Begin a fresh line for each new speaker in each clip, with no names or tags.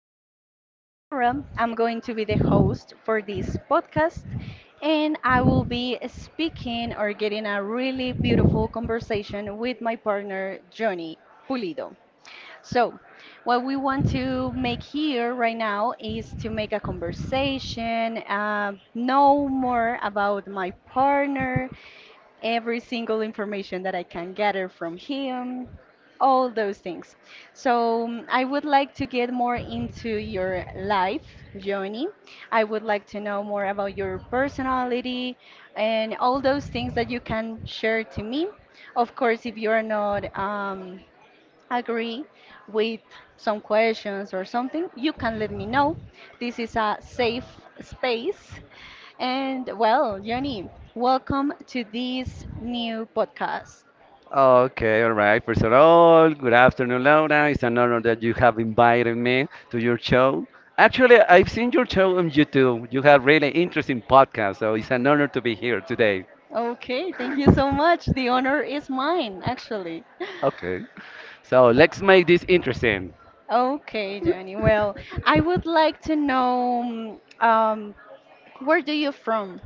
my name is Laura. I'm going to be the host for this podcast, and I will be speaking or getting a really beautiful conversation with my partner, Johnny Pulido. So, what we want to make here right now is to make a conversation, know more about my partner, every single information that I can gather from him, all those things. So I would like to get more into your life, journey. I would like to know more about your personality and all those things that you can share to me. Of course, if you are not agree with some questions or something, you can let me know. This is a safe space. And well, Yoni, welcome to this new podcast.
Okay, all right. First of all, good afternoon, Laura. It's an honor that you have invited me to your show. Actually, I've seen your show on YouTube. You have really interesting podcast, so it's an honor to be here today.
Okay, thank you so much. The honor is mine, actually.
Okay, so let's make this interesting.
Okay, Johnny. Well, I would like to know where do you from?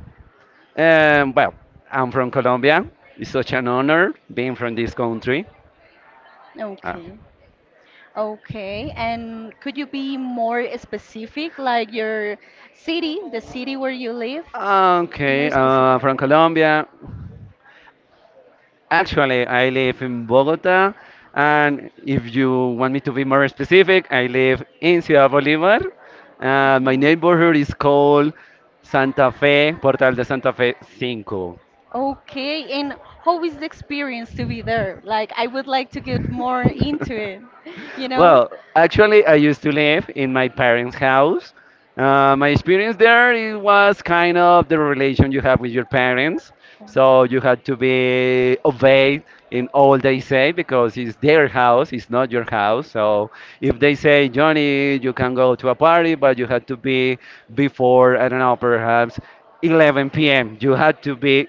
Well, I'm from Colombia. It's such an honor being from this country. Ah.
Okay. Okay, and could you be more specific, like your city, the city where you live? More
Okay,
specific.
from Colombia. Actually, I live in Bogota, and if you want me to be more specific, I live in Ciudad Bolívar. My
Mhm.
neighborhood is called Santa Fe, Portal de Santa Fe 5.
Okay, and how is the experience to be there? Like, I would like to get more into it, you know,
Well, actually, I used to live in my parents' house. My experience there it was kind of the relation you have with your parents. So you had to be obeyed in all they say because it's their house, it's not your house. So if they say, Johnny, you can go to a party, but you had to be before, I don't know, perhaps 11 p.m. You had to be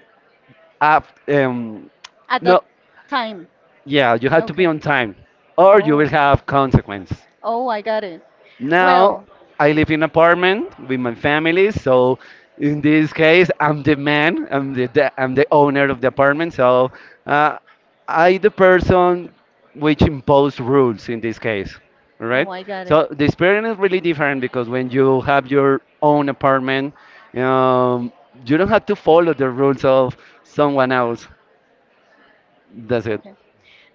up,
at
no,
that time.
yeah, you had to be
Okay.
on time or you will
Oh.
have consequence.
Oh, I got it.
Now
Well,
I live in apartment with my family, so in this case I'm the man, I'm the owner of the apartment, so uh, I the person which impose rules in this case, right?
oh, I got it.
So the experience is really different because when you have your own apartment, um, you don't have to follow the rules of someone else. That's it.
Okay.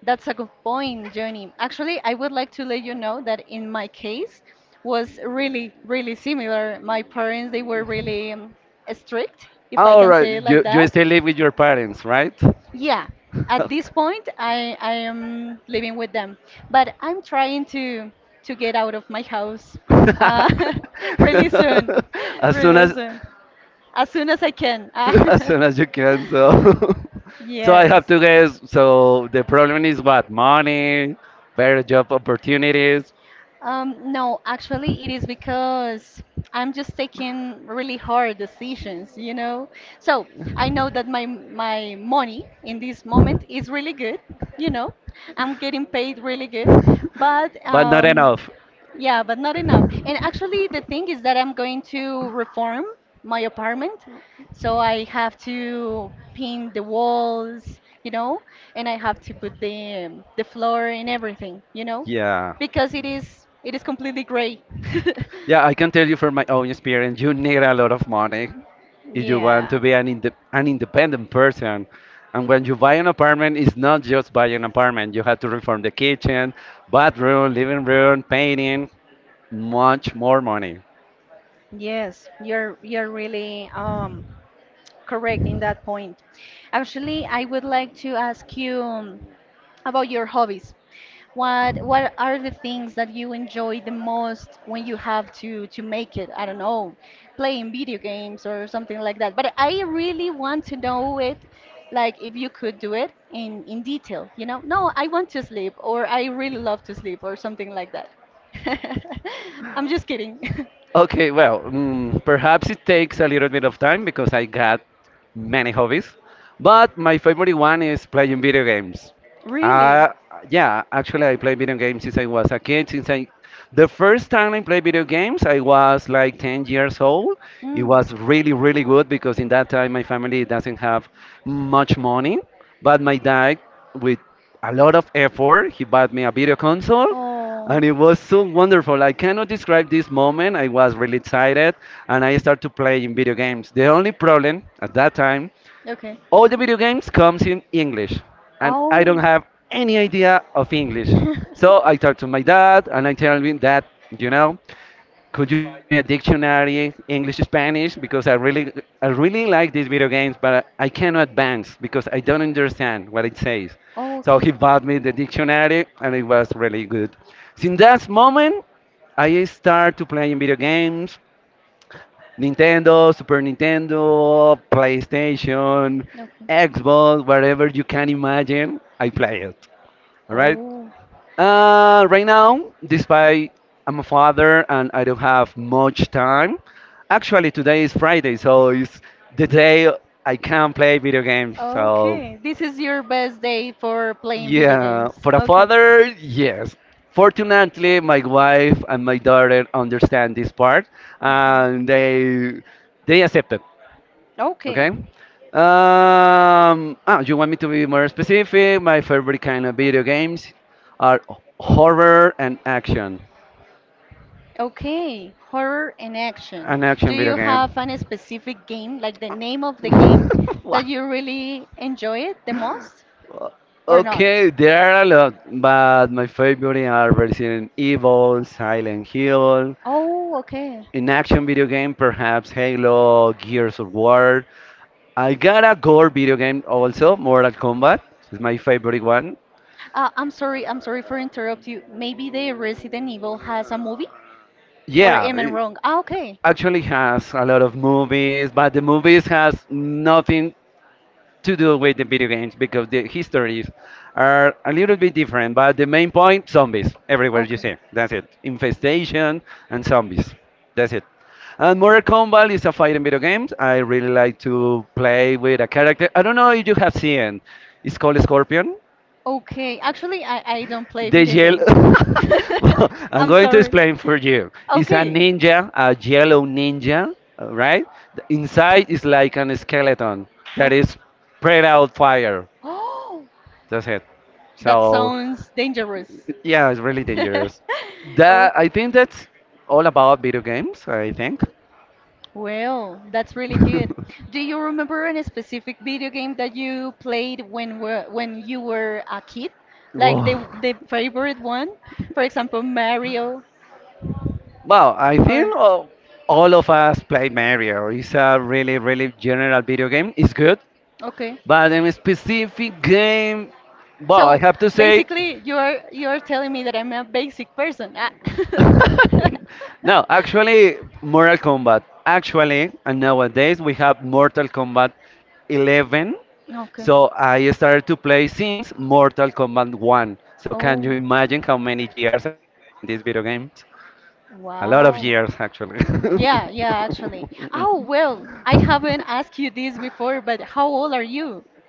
That's a good point, Johnny. Actually, I would like to let you know that in my case was really, really similar. My parents, they were really strict, if I
All
can
right,
say it like
you
that.
still live with your parents, right?
Yeah, at this point, I am living with them, but I'm trying to get out of my house uh, really soon,
as soon
really
as
soon as I can.
as
Ah.
soon as you can. So so I have
Yes.
to guess, so the problem is what, money, better job opportunities,
No, actually, it is because I'm just taking really hard decisions, you know. So I know that my money in this moment is really good, you know. I'm getting paid really good, but
but not enough.
yeah, but not enough. And actually, the thing is that I'm going to reform my apartment. So I have to paint the walls, and I have to put the floor and everything,
Yeah,
because it is completely gray.
yeah, I can tell you from my own experience, you need a lot of money if you want
Yeah.
to be an independent person. And when you buy an apartment, it's not just buy an apartment, you have to reform the kitchen, bathroom, living room, painting, much more money.
Yes, you're really correct in that point. Actually, I would like to ask you about your hobbies. What are the things that you enjoy the most when you have to make it? I don't know, playing video games or something like that. But I really want to know it, like if you could do it in detail, you know? No, I want to sleep or I really love to sleep or something like that. I'm just kidding.
Okay, well, perhaps it takes a little bit of time because I got many hobbies. But my favorite one is playing video games.
Really?
Uh, yeah, actually, I play video games since I was a kid. The first time I played video games, I was like 10 years old. It
Mm.
was really, really good because in that time my family doesn't have much money, but my dad, with a lot of effort, he bought me a video console.
Oh.
And it was so wonderful. I cannot describe this moment. I was really excited and I started playing video games. The only problem at that time,
Okay.
all the video games comes in English, and I don't have any idea of English. So I talk to my dad, and I tell him that, you know, could you buy me a dictionary, English, Spanish, because I really like these video games, but I cannot advance because I don't understand what it says.
Oh,
So
okay. Okay.
he bought me the dictionary, and it was really good. Since that moment, I start to playing video games. Nintendo, Super Nintendo, PlayStation, Xbox, whatever you can imagine, I play it. All right. Right now, despite I'm a father and I don't have much time, actually today is Friday, so it's the day I can play video games. So
Okay, this is your best day for playing video
yeah,
games.
for a
Okay.
father, yes. Fortunately, my wife and my daughter understand this part,
Mhm.
and they accept it.
It.
Okay.
Okay.
You want me to be more specific? My favorite kind of video games are horror and action.
Okay, horror in action.
An
Do
action video
you
game.
have an specific game, like the name of the game,
Wow.
that you really enjoy it the most or not?
Okay, there are a lot, but my favorite are Resident Evil, Silent Hill,
Oh, okay.
in action video game, perhaps Halo, Gears of War. I got a gore video game also, Mortal Kombat. It's my favorite one.
I'm sorry for interrupt you. Maybe the Resident Evil has a movie? Or
Yeah,
am I wrong? Ah, okay.
actually has a lot of movies, but the movies has nothing to do with the video games because the histories are a little bit different. But the main point, zombies everywhere you
Okay.
see. That's it. Infestation and zombies. That's it. And Mortal Kombat is a fighting video game. I really like to play with a character. I don't know if you have seen. It's called Scorpion.
Okay. Actually, I don't play
The
video games.
yellow. Well, I'm
I'm
going to
sorry.
explain for you. It's a
Okay.
ninja, a yellow ninja, right? The inside is like an skeleton that
Okay.
is spread out fire.
Oh.
That's it.
That
So,
sounds dangerous.
yeah, it's really dangerous. That I
Okay.
think that's all about video games. I think.
Well, that's really good. Do you remember any specific video game that you played when you were a kid? Like
Whoa.
the favorite one? For example, Mario
Well, I
or
think all of us play Mario. It's a really, really general video game. It's good.
okay.
But in a specific game, well, I
So
have to say,
basically, you are telling me that I'm a basic person. Ah.
no, actually, Mortal Kombat. Actually, and nowadays we have Mortal Kombat 11.
Okay.
So I started to play since Mortal Kombat 1. So can you
Oh,
imagine how many years I've been playing this video game? A lot of
wow.
years, actually.
Yeah, yeah, actually. Oh, well, I haven't asked you this before, but how old are you?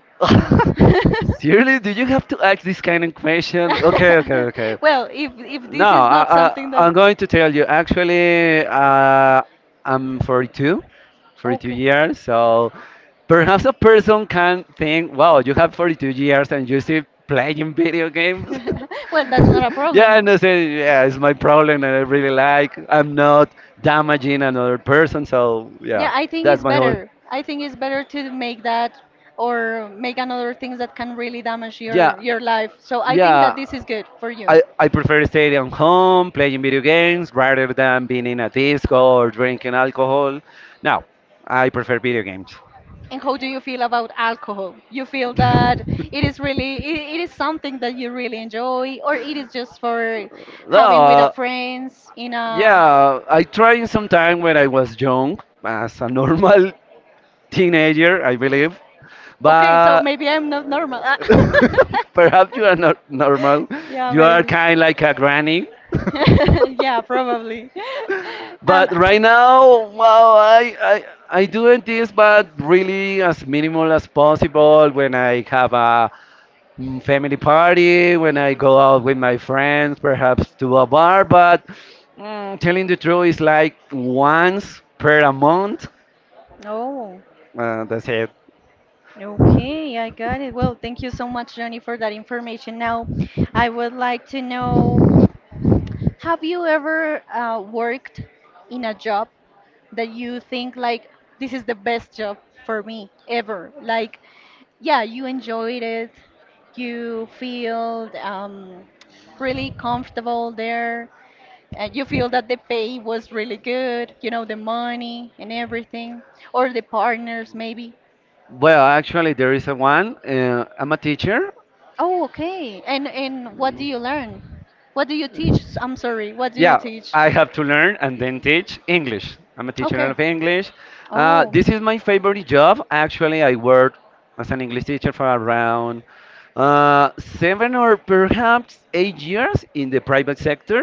Seriously, do you have to ask this kind of question? Okay, okay, okay.
Well, if
No,
this is not something that
I'm going to tell you. Actually, I'm 42, 42
okay.
years. So perhaps a person can think, wow, you have 42 years and you still playing video games.
Well, that's not a
yeah,
problem.
and I say, yeah, it's my problem and I really like. I'm not damaging another person. So yeah,
Yeah, I think
that's
it's
my whole.
better. I think it's better to make that or make another things that can really damage
Yeah,
your life. So I think that
yeah.
this is good for you.
I prefer staying at home, playing video games, rather than being in a disco or drinking alcohol. No, I prefer video games.
And how do you feel about alcohol? You feel that it is really it is something that you really enjoy, or it is just for
No,
having with a friends in a
yeah, I tried sometime when I was young, as a normal teenager, I believe.
Okay, so
But
maybe I'm not normal. Ah.
uh, perhaps you are not normal.
Yeah,
You are
maybe.
kind like a granny.
Yeah, probably. Um,
But right now, well, I I doing this, but really as minimal as possible. When I have a family party, when I go out with my friends, perhaps to a bar. But telling the truth, it's like once per a month.
Oh,
That's it.
okay, I got it. Well, thank you so much, Johnny, for that information. Now, I would like to know, have you ever worked in a job that you think like this is the best job for me ever? Like yeah, you enjoyed it. You feel really comfortable there. And you feel that the pay was really good, the money and everything, or the partners maybe.
Well, actually, there is a one. I'm a teacher,
Oh, okay. And what do you learn? What do you teach? I'm sorry. What do you
yeah,
teach?
I have to learn and then teach English. I'm a teacher
Okay.
of English.
Oh.
This is my favorite job. Actually, I worked as an English teacher for around seven or perhaps 8 years in the private sector.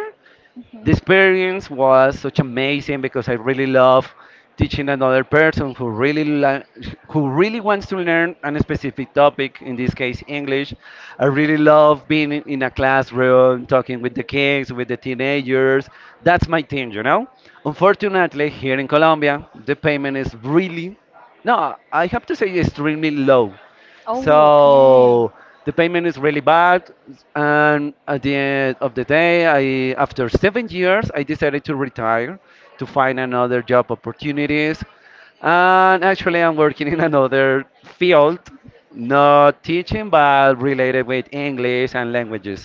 The
Mhm.
experience was such amazing because I really love teaching another person who really wants to learn a specific topic, in this case English. I really love being in a classroom, talking with the kids, with the teenagers. That's my thing, you know. Unfortunately, here in Colombia, the payment is really no, I have to say extremely low. So the payment is really bad, and at the end of the day, I after 7 years, I decided to retire to find another job opportunities, and actually, I'm working in another field, not teaching, but related with English and languages.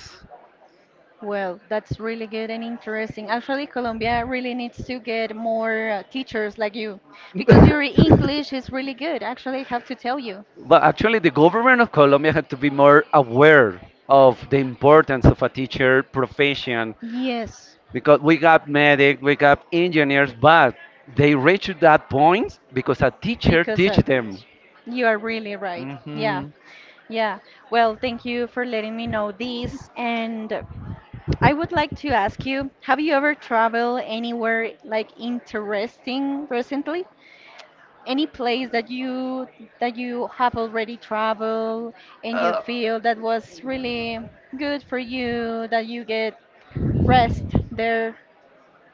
Well, that's really good and interesting. Actually, Colombia really needs to get more teachers like you because your English is really good. Actually, I have to tell you.
But actually, the government of Colombia had to be more aware of the importance of a teacher profession
Yes,
because we got medic, we got engineers, but they reach that point because a teacher
because
teach
of
them.
it. You are really right. Yeah.
Hmm.
Yeah. Well, thank you for letting me know this. And I would like to ask you, have you ever traveled anywhere like interesting recently? Any place that you have already traveled and you feel that was really good for you, that you get rest there.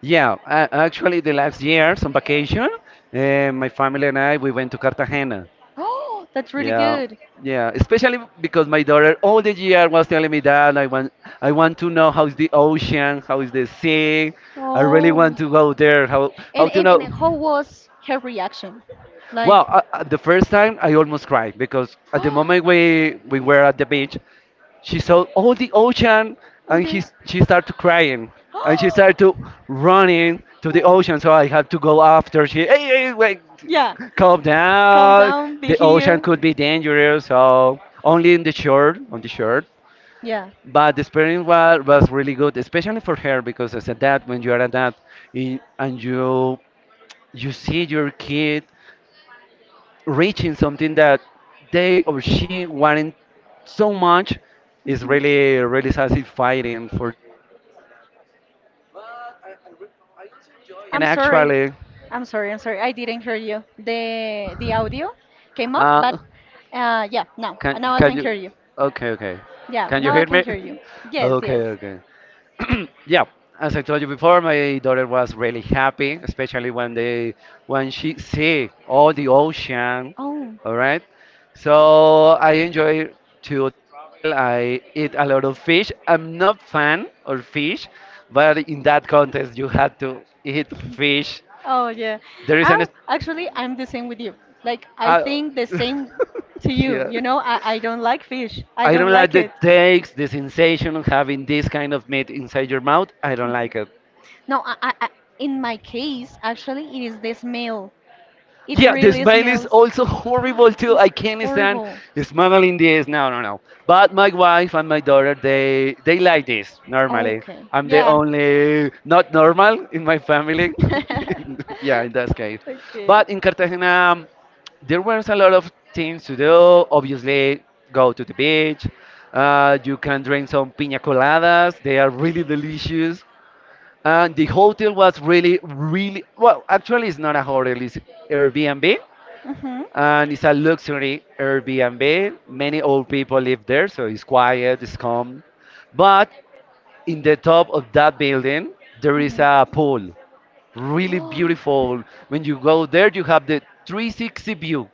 Yeah, actually, the last years on vacation, my family and I we went to Cartagena.
Oh, that's really
Yeah,
good.
yeah, especially because my daughter all the year was telling me that I want to know how's the ocean, how is the sea. I really want
Oh.
to go there.
And
How to
and, and
know?
how was her reaction? Like
Well, the first time I almost cried because at the moment we were at the beach, she saw all the ocean and she started crying and she started
Okay.
to running to the ocean. So I had to go after. She, hey, hey wait,
Yeah.
calm
Calm
down.
down, be
The ocean
here.
could be dangerous. So only in the shore, on the shore.
Yeah.
But the experience was really good, especially for her because as a dad, when you are a dad and you see your kid reaching something that they or she wanted so much is
Hmm.
really really satisfying for you as a dad. But I also enjoy it
I'm sorry.
actually.
I'm sorry. I'm sorry. I didn't hear you. The audio came off, but
Uh,
yeah, now
can
now I
can
can
you,
hear you.
okay, okay,
Yeah,
can you
now I
hear
can
me?
hear you. Yes,
okay,
yes.
okay. yeah, as I told you before, my daughter was really happy, especially when they when she see all the ocean.
Oh.
All right, so I enjoy to the travel. I eat a lot of fish. I'm not fan of fish, but in that contest you had to eat fish.
Oh yeah.
There is an
Actually, I'm the same with you. Like I
uh,
think the same to you.
yeah,
You know, I don't like fish. I
I
don't
don't like
like
the
it.
taste, the sensation of having this kind of meat inside your mouth, I don't like it.
No, in my case, actually, it is the smell. It
Yeah, the
really
smile is
smells.
also horrible too.
It's
I can't stand
horrible.
smiling this. No, no, no. But my wife and my daughter, they like this normally.
Okay.
I'm the
Yeah.
only not normal in my family. yeah, in that case.
Okay.
But in Cartagena, there was a lot of things to do. Obviously, go to the beach. You can drink some piña coladas. They are really delicious. And the hotel was really, really well. Actually, it's not a hotel; it's Airbnb,
Mhm.
and it's a luxury Airbnb. Many old people live there, so it's quiet, it's calm. But in the top of that building, there is a pool, really beautiful. When you go there, you have the 360 view,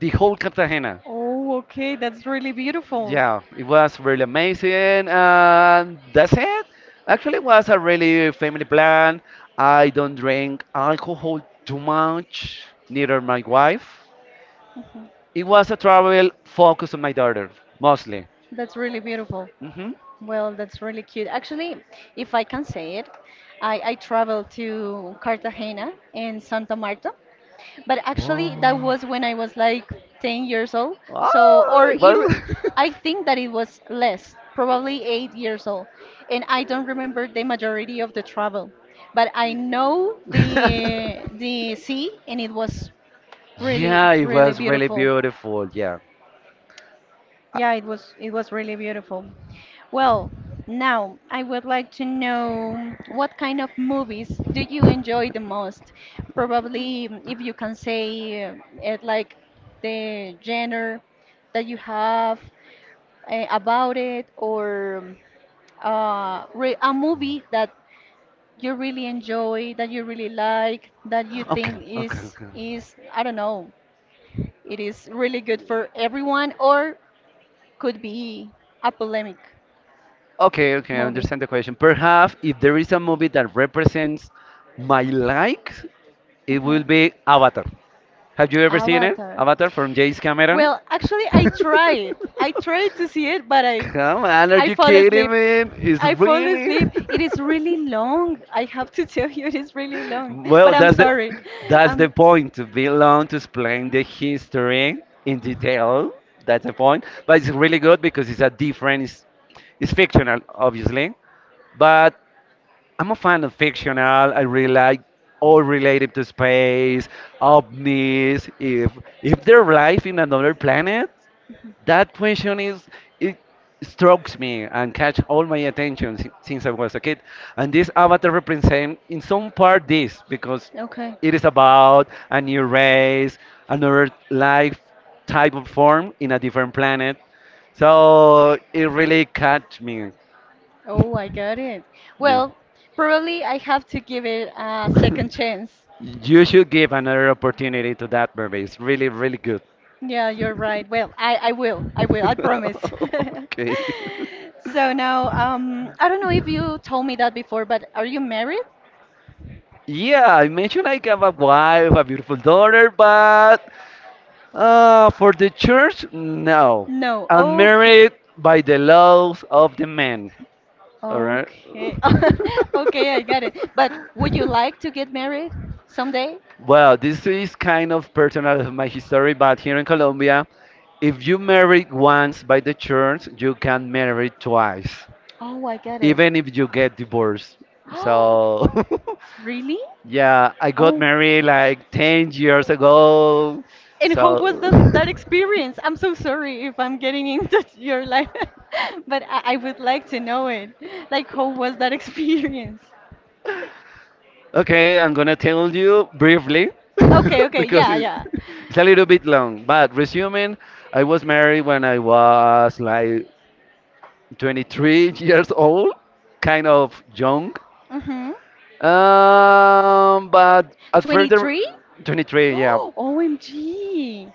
the whole Cartagena.
Oh, okay, that's really beautiful.
Yeah, it was really amazing, and that's it. Actually, it was a really family plan. I don't drink alcohol too much, neither my wife.
Mhm.
It was a travel focused on my daughter, mostly.
That's really beautiful.
hmm
Well, that's really cute. Actually, if I can say it, I traveled to Cartagena and Santa Marta, but actually that
Oh,
was when I was like 10 years old. So,
Oh,
or
it
ir
was.
I think that it was less, probably 8 years old. And I don't remember the majority of the travel, but I know the the sea and it was really,
Yeah, it
really
was really
beautiful.
beautiful. Yeah.
Yeah, it was really beautiful. Well, now I would like to know what kind of movies do you enjoy the most? Probably if you can say it like the genre that you have about it or re a movie that you really enjoy, that you really like, that you
Okay,
think
okay,
is
okay.
is I don't know, it is really good for everyone or could be a polemic
Okay, okay, I
movie.
understand the question. Perhaps if there is a movie that represents my likes, it
Mhm.
will be Avatar. Have you ever seen it?
Avatar.
Avatar from James Cameron?
Well, actually, I tried. I tried to see it, but I,
Come on, are
I
you
fall
kidding
asleep.
me? It's
I fall
really.
asleep. It is really long. I have to tell you, it is really long. But
Well,
I'm
that's the
sorry.
that's the
Um,
point to be long to explain the history in detail. That's the point. But it's really good because it's a different. It's fictional, obviously, but I'm a fan of fictional. I really like all related to space, ovnis. If there's life in another planet, that question is it strokes me and catch all my attention since I was a kid. And this avatar represents in some part this because
Okay.
it is about a new race, another life type of form in a different planet. So it really catch me.
Oh, I got it.
Yeah.
Well, probably I have to give it a second chance.
You should give another opportunity to that movie. It's really, really good.
Yeah, you're right. Well, I will. I will. I promise.
okay.
So now, I don't know if you told me that before, but are you married?
Yeah, I mentioned I have a wife, a beautiful daughter, but for the church, no.
No.
I'm
Oh,
married by the laws of the man. All right.
okay. Okay, I got it. But would you like to get married someday?
Well, this is kind of personal of my history, but here in Colombia, if you married once by the church, you can marry twice,
Oh, I got it.
even if you get divorced.
Oh,
So,
really?
yeah, I got
Oh.
married like 10 years ago.
And how was
So,
that experience? I'm so sorry if I'm getting into your life, but I would like to know it. Like, how was that experience?
okay, I'm gonna tell you briefly
Okay, okay,
because
yeah, yeah.
it's a little bit long. But resuming, I was married when I was like 23 years old, kind of young.
Mm-hmm.
But at further
23?
23, yeah.
Oh, OMG.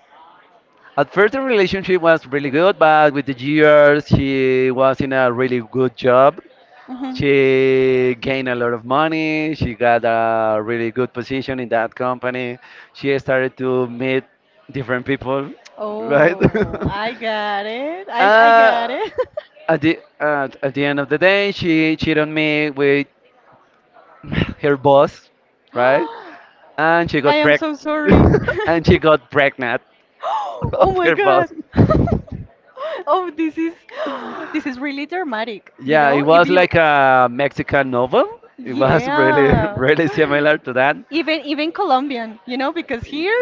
At first, the relationship was really good, but with the years, she was in a really good job.
Mhm.
She gained a lot of money. She got a really good position in that company. She started to meet different people, right?
Oh, I got it. I got
uh,
it.
at the at the end of the day, she cheated on me with her boss, right?
I
And she got
am
preg
so sorry.
and she got pregnant
Oh
of
my
her
god.
boss.
Oh, this is this is really dramatic, you
Yeah, it
know? If
was
you
like a Mexican novel. It was really,
Yeah.
really similar to that.
Even Colombian, because here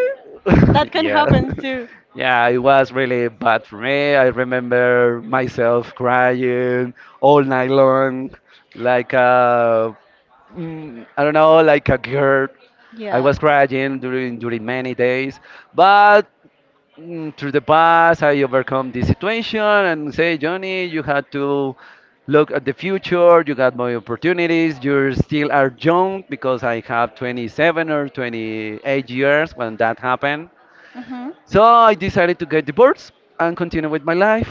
that can
Yeah.
happen too.
Yeah, it was really bad for me. I remember myself crying all night long, like a, I don't know, like a girl. I
Yeah.
was crying during many days, but through the past, I overcome this situation and say, Johnny, you had to look at the future. You got more opportunities. You still are young because I have 27 or 28 years when that happened.
Mhm.
So I decided to get divorced and continue with my life.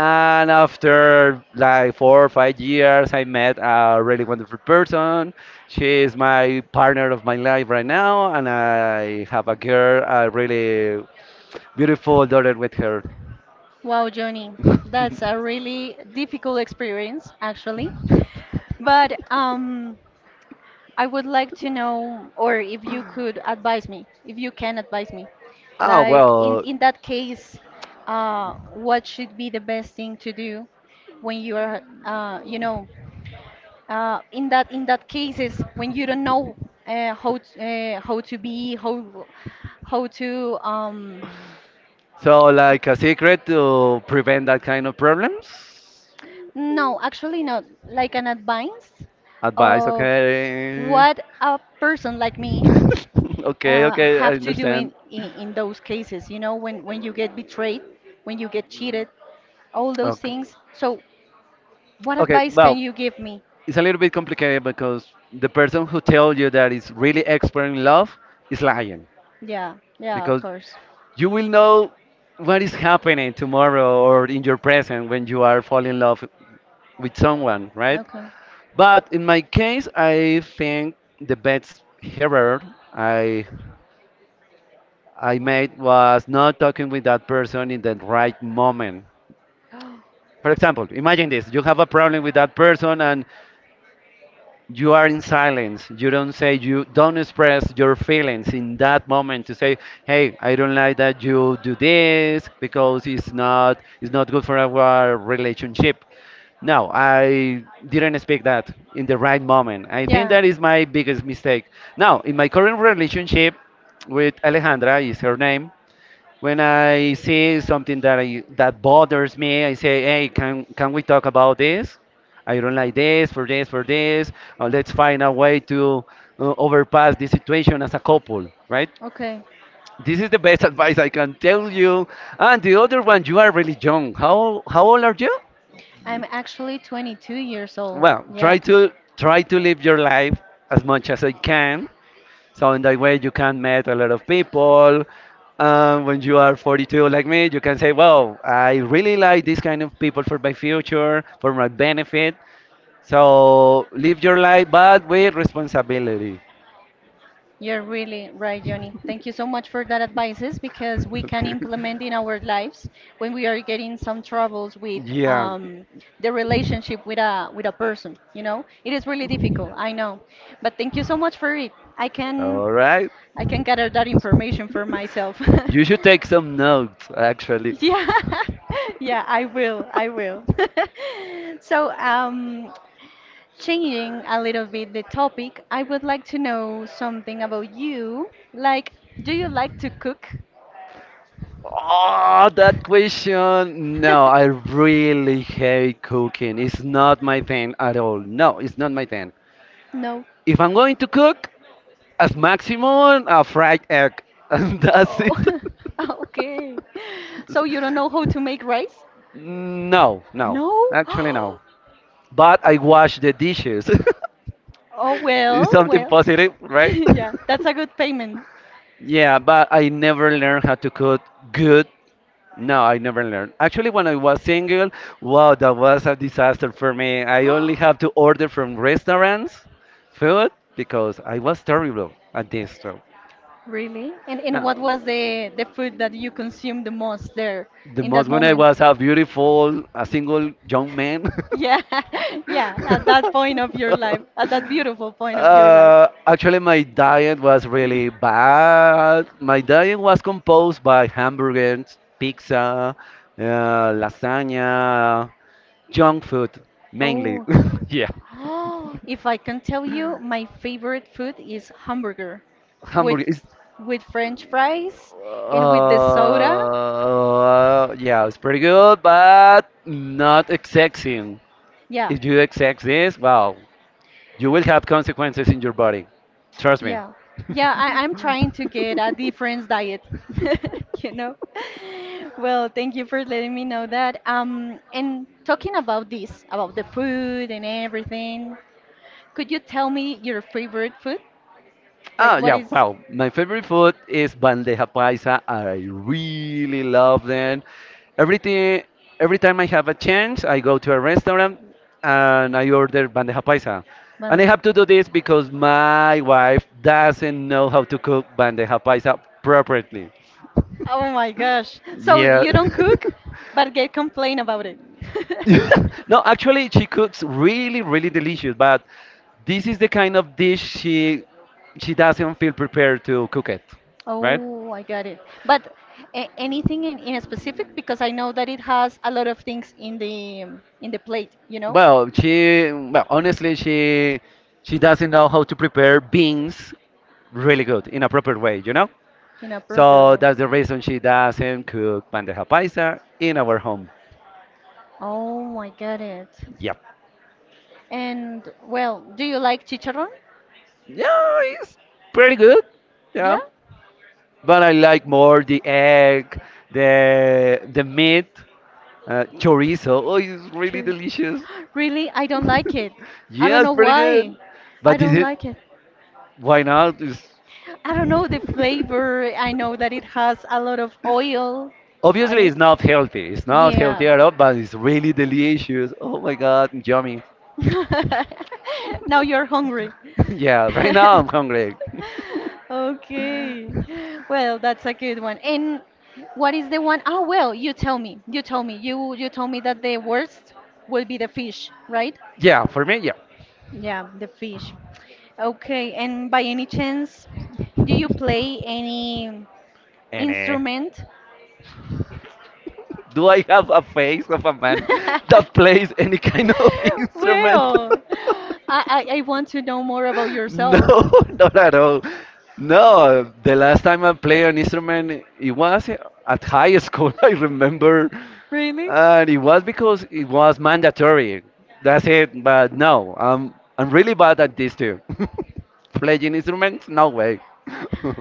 And after like 4 or 5 years, I met a really wonderful person. She is my partner of my life right now, and I have a girl, a really beautiful daughter with her.
Wow, Johnny, that's a really difficult experience, actually. But I would like to know, or if you could advise me, if you can advise me,
Oh,
like in
well,
in that case, what should be the best thing to do when you are, in that cases when you don't know uh, how t- how to be, how to
so like a secret to prevent that kind of problems?
no, actually not, like an advice
Advice,
of
okay.
what a person like me
okay, okay, I
have to do
understand.
in those cases when, you get betrayed when you get cheated all those
Okay,
things so what
okay,
advice can
well,
you give me
it's a little bit complicated because the person who tells you that is really expert in love is lying,
yeah, yeah, of
because
course.
you will know what is happening tomorrow or in your present when you are falling in love with someone, right?
Okay.
But in my case I think the best error i I made was not talking with that person in the right moment. For example, imagine this: you have a problem with that person and you are in silence, you don't say, you don't express your feelings in that moment to say, hey, I don't like that you do this because it's not good for our relationship. No, I didn't expect that in the right moment. I think
Yeah,
that is my biggest mistake. Now in my current relationship with Alejandra, is her name, when I see something that that bothers me, I say, "Hey, can we talk about this? I don't like this for this Let's find a way to overpass this situation as a couple, right?"
okay,
This is the best advice I can tell you. And the other one, you are really young. How old are you?
I'm actually 22 years old.
Well, try
Yeah,
to try to live your life as much as I can. So in that way, you can meet a lot of people. When you are 42 like me, you can say, "Well, I really like this kind of people for my future, for my benefit." So live your life, but with responsibility.
you're really right, Johnny. Thank you so much for that advices because we can
Okay.
implement in our lives when we are getting some troubles with
Yeah.
the relationship with a person. You know, it is really difficult. I know, but thank you so much for it. I can
All right.
I can gather that information for myself. Did
You
you
should
take
take some notes, actually.
yeah, yeah, I will, I will. So, changing a little bit the topic, I would like to know something about you. Like, do you like to cook?
Oh, that question. No, I really hate cooking. It's not my thing at all. No, it's not my thing.
No.
If I'm going to cook, as maximum, a fried egg, and that's it.
Oh, okay. So you don't know how to make rice?
no, no,
No?
actually no. But I wash the dishes.
Oh,
it's
well,
something
well.
positive, right?
yeah, that's a good payment.
yeah, but I never learned how to cook good. No, I never learned. Actually, when I was single, wow, that was a disaster for me. I only have to order from restaurants food because I was terrible at this. So,
Really? And what
no.
was the food that you consumed the most there
The
in
most
that
when I
moment?
was a beautiful, a single young man.
Yeah, yeah, at that point of your life, at that beautiful point of your life.
Actually, my diet was really bad. My diet was composed by hamburgers, pizza, uh, lasagna, junk food mainly.
Oh, okay.
yeah,
Oh, if I can tell you, my favorite food is hamburger
hamburger
with
is.
with French fries and with the soda.
Yeah, it's pretty good, but not sexy.
Yeah,
If you accept this, wow. You will have consequences in your body. Trust me.
yeah, yeah. I'm trying to get a different diet, you know. Well, thank you for letting me know that. And talking about this, about the food and everything, could you tell me your favorite food? Like
Oh
what
yeah,
is
wow. My favorite food is bandeja paisa. I really love them. Everything, every time I have a chance, I go to a restaurant and I order bandeja paisa. And I
Vale.
have to do this because my wife doesn't know how to cook bandeja paisa properly.
Oh my gosh. So
Yeah.
you don't cook, but get complain about it.
no, actually, she cooks really, really delicious, but this is the kind of dish she doesn't feel prepared to cook it, right?
Oh, I got it. But a anything in a specific because I know that it has a lot of things in the in the plate,
Well, honestly, she doesn't know how to prepare beans really good in a proper way, you know?
in a proper
So
way.
that's the reason she doesn't cook bandeja paisa in our home.
Oh, I got it.
Yep.
And well, do you like chicharrón?
Yeah, it's pretty good. Yeah.
Yeah?
But I like more the egg, the meat. Chorizo. Oh, it's really
True.
delicious.
Really? I don't like it. I
yeah,
don't
it's
know
pretty
why.
good.
I
But is
don't
it?
like it.
Why not?
I don't know the flavor. I know that it has a lot of oil on
Obviously,
it.
it's not healthy. It's not
Yeah.
healthy at all, but it's really delicious. Oh my God, yummy.
Now you're hungry.
yeah, right now I'm hungry.
Okay. Well, that's a good one. And what is the one? Oh, well, you tell me. You tell me. You told me that the worst will be the fish, right?
yeah, for me, yeah.
Yeah, the fish. Okay. And by any chance, do you play any
And
instrument?
do I have a face of a man that plays any kind of instrument?
well, I want to know more about
No,
yourself.
not at all. No, the last time I played an instrument, it was at high school, I remember.
Really?
And it was because it was mandatory. That's it. But no, I'm really bad at this too. Playing instruments? No way.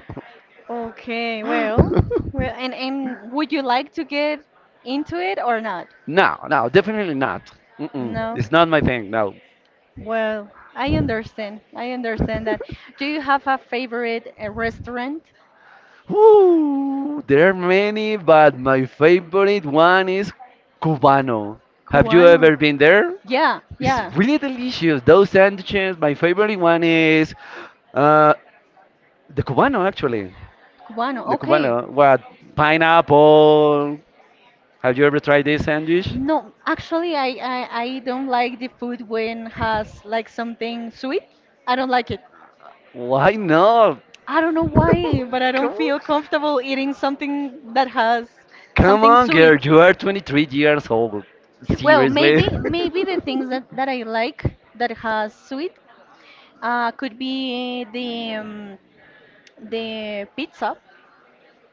Okay, well, well, and would you like to get into it or not?
No, no, definitely not. Mm-mm.
No.
It's not my thing, no.
Well, I understand. I understand that. Do you have a favorite restaurant?
Woo, there are many, but my favorite one is Cubano. Have you
Cubano.
ever been there?
Yeah,
It's
yeah.
really delicious. Those sandwiches. My favorite one is uh, the Cubano, actually.
Cubano.
The
Okay.
Cubano. What? Pineapple. Have you ever tried this sandwich?
No, actually, I don't like the food when has like something sweet. I don't like it.
Why not?
I don't know why, but I
Come
don't
on.
feel comfortable eating something that has
Come
something
on,
sweet.
girl. You are 23 years old.
Well,
Seriously.
maybe maybe the things that I like that has sweet. Could be the the pizza.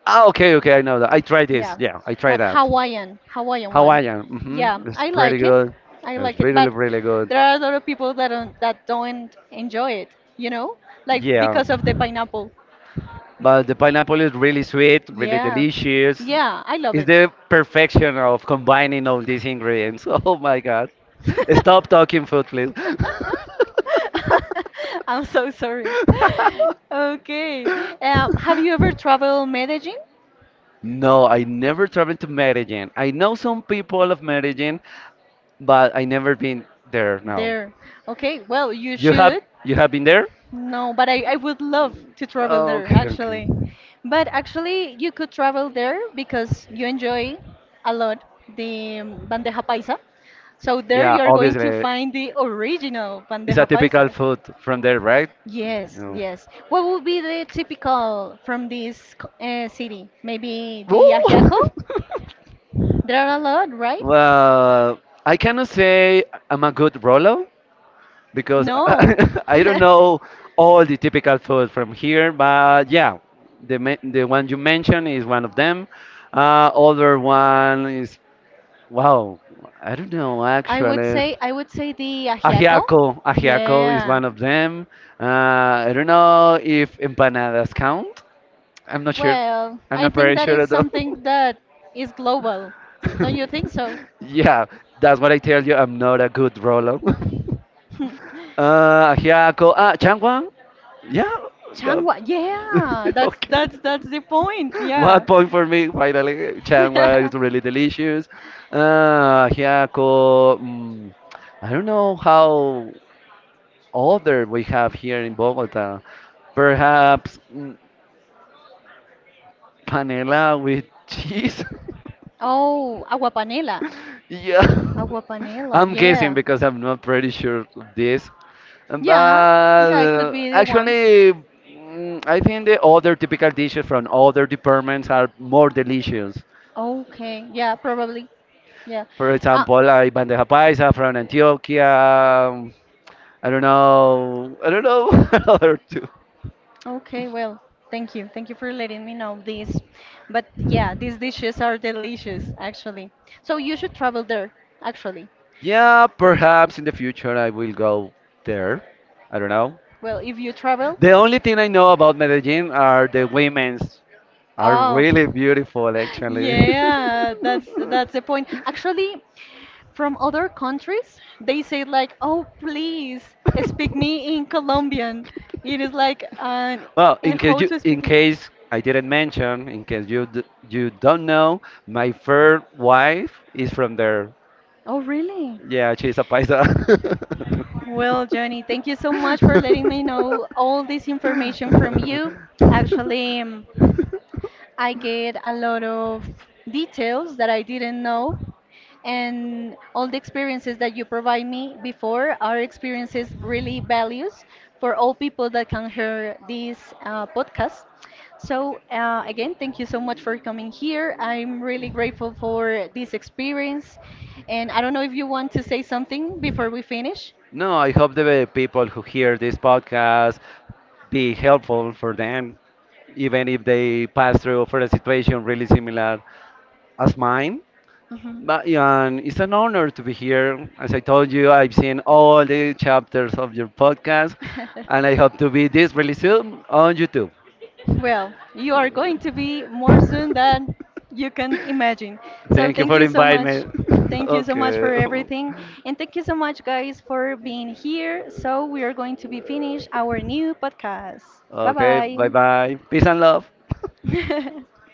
Ah, okay, okay, I know that. I tried this.
Yeah,
Yeah, I tried
but
that.
Hawaiian, Hawaiian one.
Hawaiian.
Yeah,
Mm-hmm. It's
I
pretty
like it.
good.
I
It's
like it, but
really, really good.
there are a lot of people that don't enjoy it, you know? Like
Yeah.
because of the pineapple.
But the pineapple is really sweet, really
Yeah.
delicious.
Yeah, I love
It's
it.
the perfection of combining all these ingredients. Oh my God. Stop talking food, please.
I'm so sorry. Okay. Have you ever traveled Medellin?
No, I never traveled to Medellin. I know some people of Medellin, but I never been there. No.
There. Okay, well, you
You have
should.
you have been there?
No, but I would love to travel there
Okay, okay.
actually. But actually, you could travel there because you enjoy a lot the bandeja paisa. So there
Yeah,
you're going to
obviously
find the original
it's a
bandeja
typical
paisa.
food from there, right?
Yes,
No.
yes. What would be the typical from this city? Maybe the
Woo!
ajiaco? There are a lot, right?
Well, I cannot say I'm a good Rolo because
No.
I don't know all the typical food from here, but yeah, the one you mentioned is one of them. Other one is wow, I don't know actually.
I would say the ajiaco.
Ajiaco, ajiaco is
Yeah.
one of them. I don't know if empanadas count. I'm not sure.
Well,
I'm
I
not
think
very
that
sure
is
at all.
something that is global. Don't you think so?
yeah, that's what I tell you. I'm not a good roller. Hyako. Ah, Changwon. Yeah. No.
Changwa. Yeah. That's
okay.
that's that's the point.
One
Yeah.
point for me, finally. Changwa is really delicious. Hyako. I don't know how other we have here in Bogota. Perhaps panela with cheese.
Oh, agua panela.
Yeah,
Agua panela.
I'm guessing
Yeah.
because I'm not pretty sure of this. But
Yeah. Yeah, it could be the one.
actually, I think the other typical dishes from other departments are more delicious.
Okay, yeah, probably. Yeah.
For
Uh,
example, like bandeja paisa from Antioquia. I don't know. I don't know what other two.
okay, well, thank you. Thank you for letting me know this. But yeah, these dishes are delicious, actually. So you should travel there, actually.
Yeah, perhaps in the future I will go there. I don't know.
Well, if you travel.
The only thing I know about Medellin are the women's. Are
Oh.
really beautiful, actually.
Yeah, that's the point. Actually, from other countries they say like, oh, please, speak me in Colombian. It is like an
Well,
in how to
in
speak.
case I didn't mention, in case you don't know, my third wife is from there.
Oh, really?
Yeah, she's a paisa.
Well, Johnny, thank you so much for letting me know all this information from you actually. I get a lot of details that I didn't know, and all the experiences that you provide me before are experiences really values for all people that can hear this podcast. So again, thank you so much for coming here. I'm really grateful for this experience, and I don't know if you want to say something before we finish.
No, I hope the people who hear this podcast be helpful for them, even if they pass through for a situation really similar as mine.
Mhm.
But yeah, and it's an honor to be here. As I told you, I've seen all the chapters of your podcast, and I hope to be this really soon on YouTube.
Well, you are going to be more soon than you can imagine. So
Thank you
thank
for
you so
inviting
much.
me.
Thank you so much
okay.
for everything. And thank you so much, guys, for being here. So we are going to be finished our new podcast.
Okay, bye
Bye
bye. Peace and love.
bye.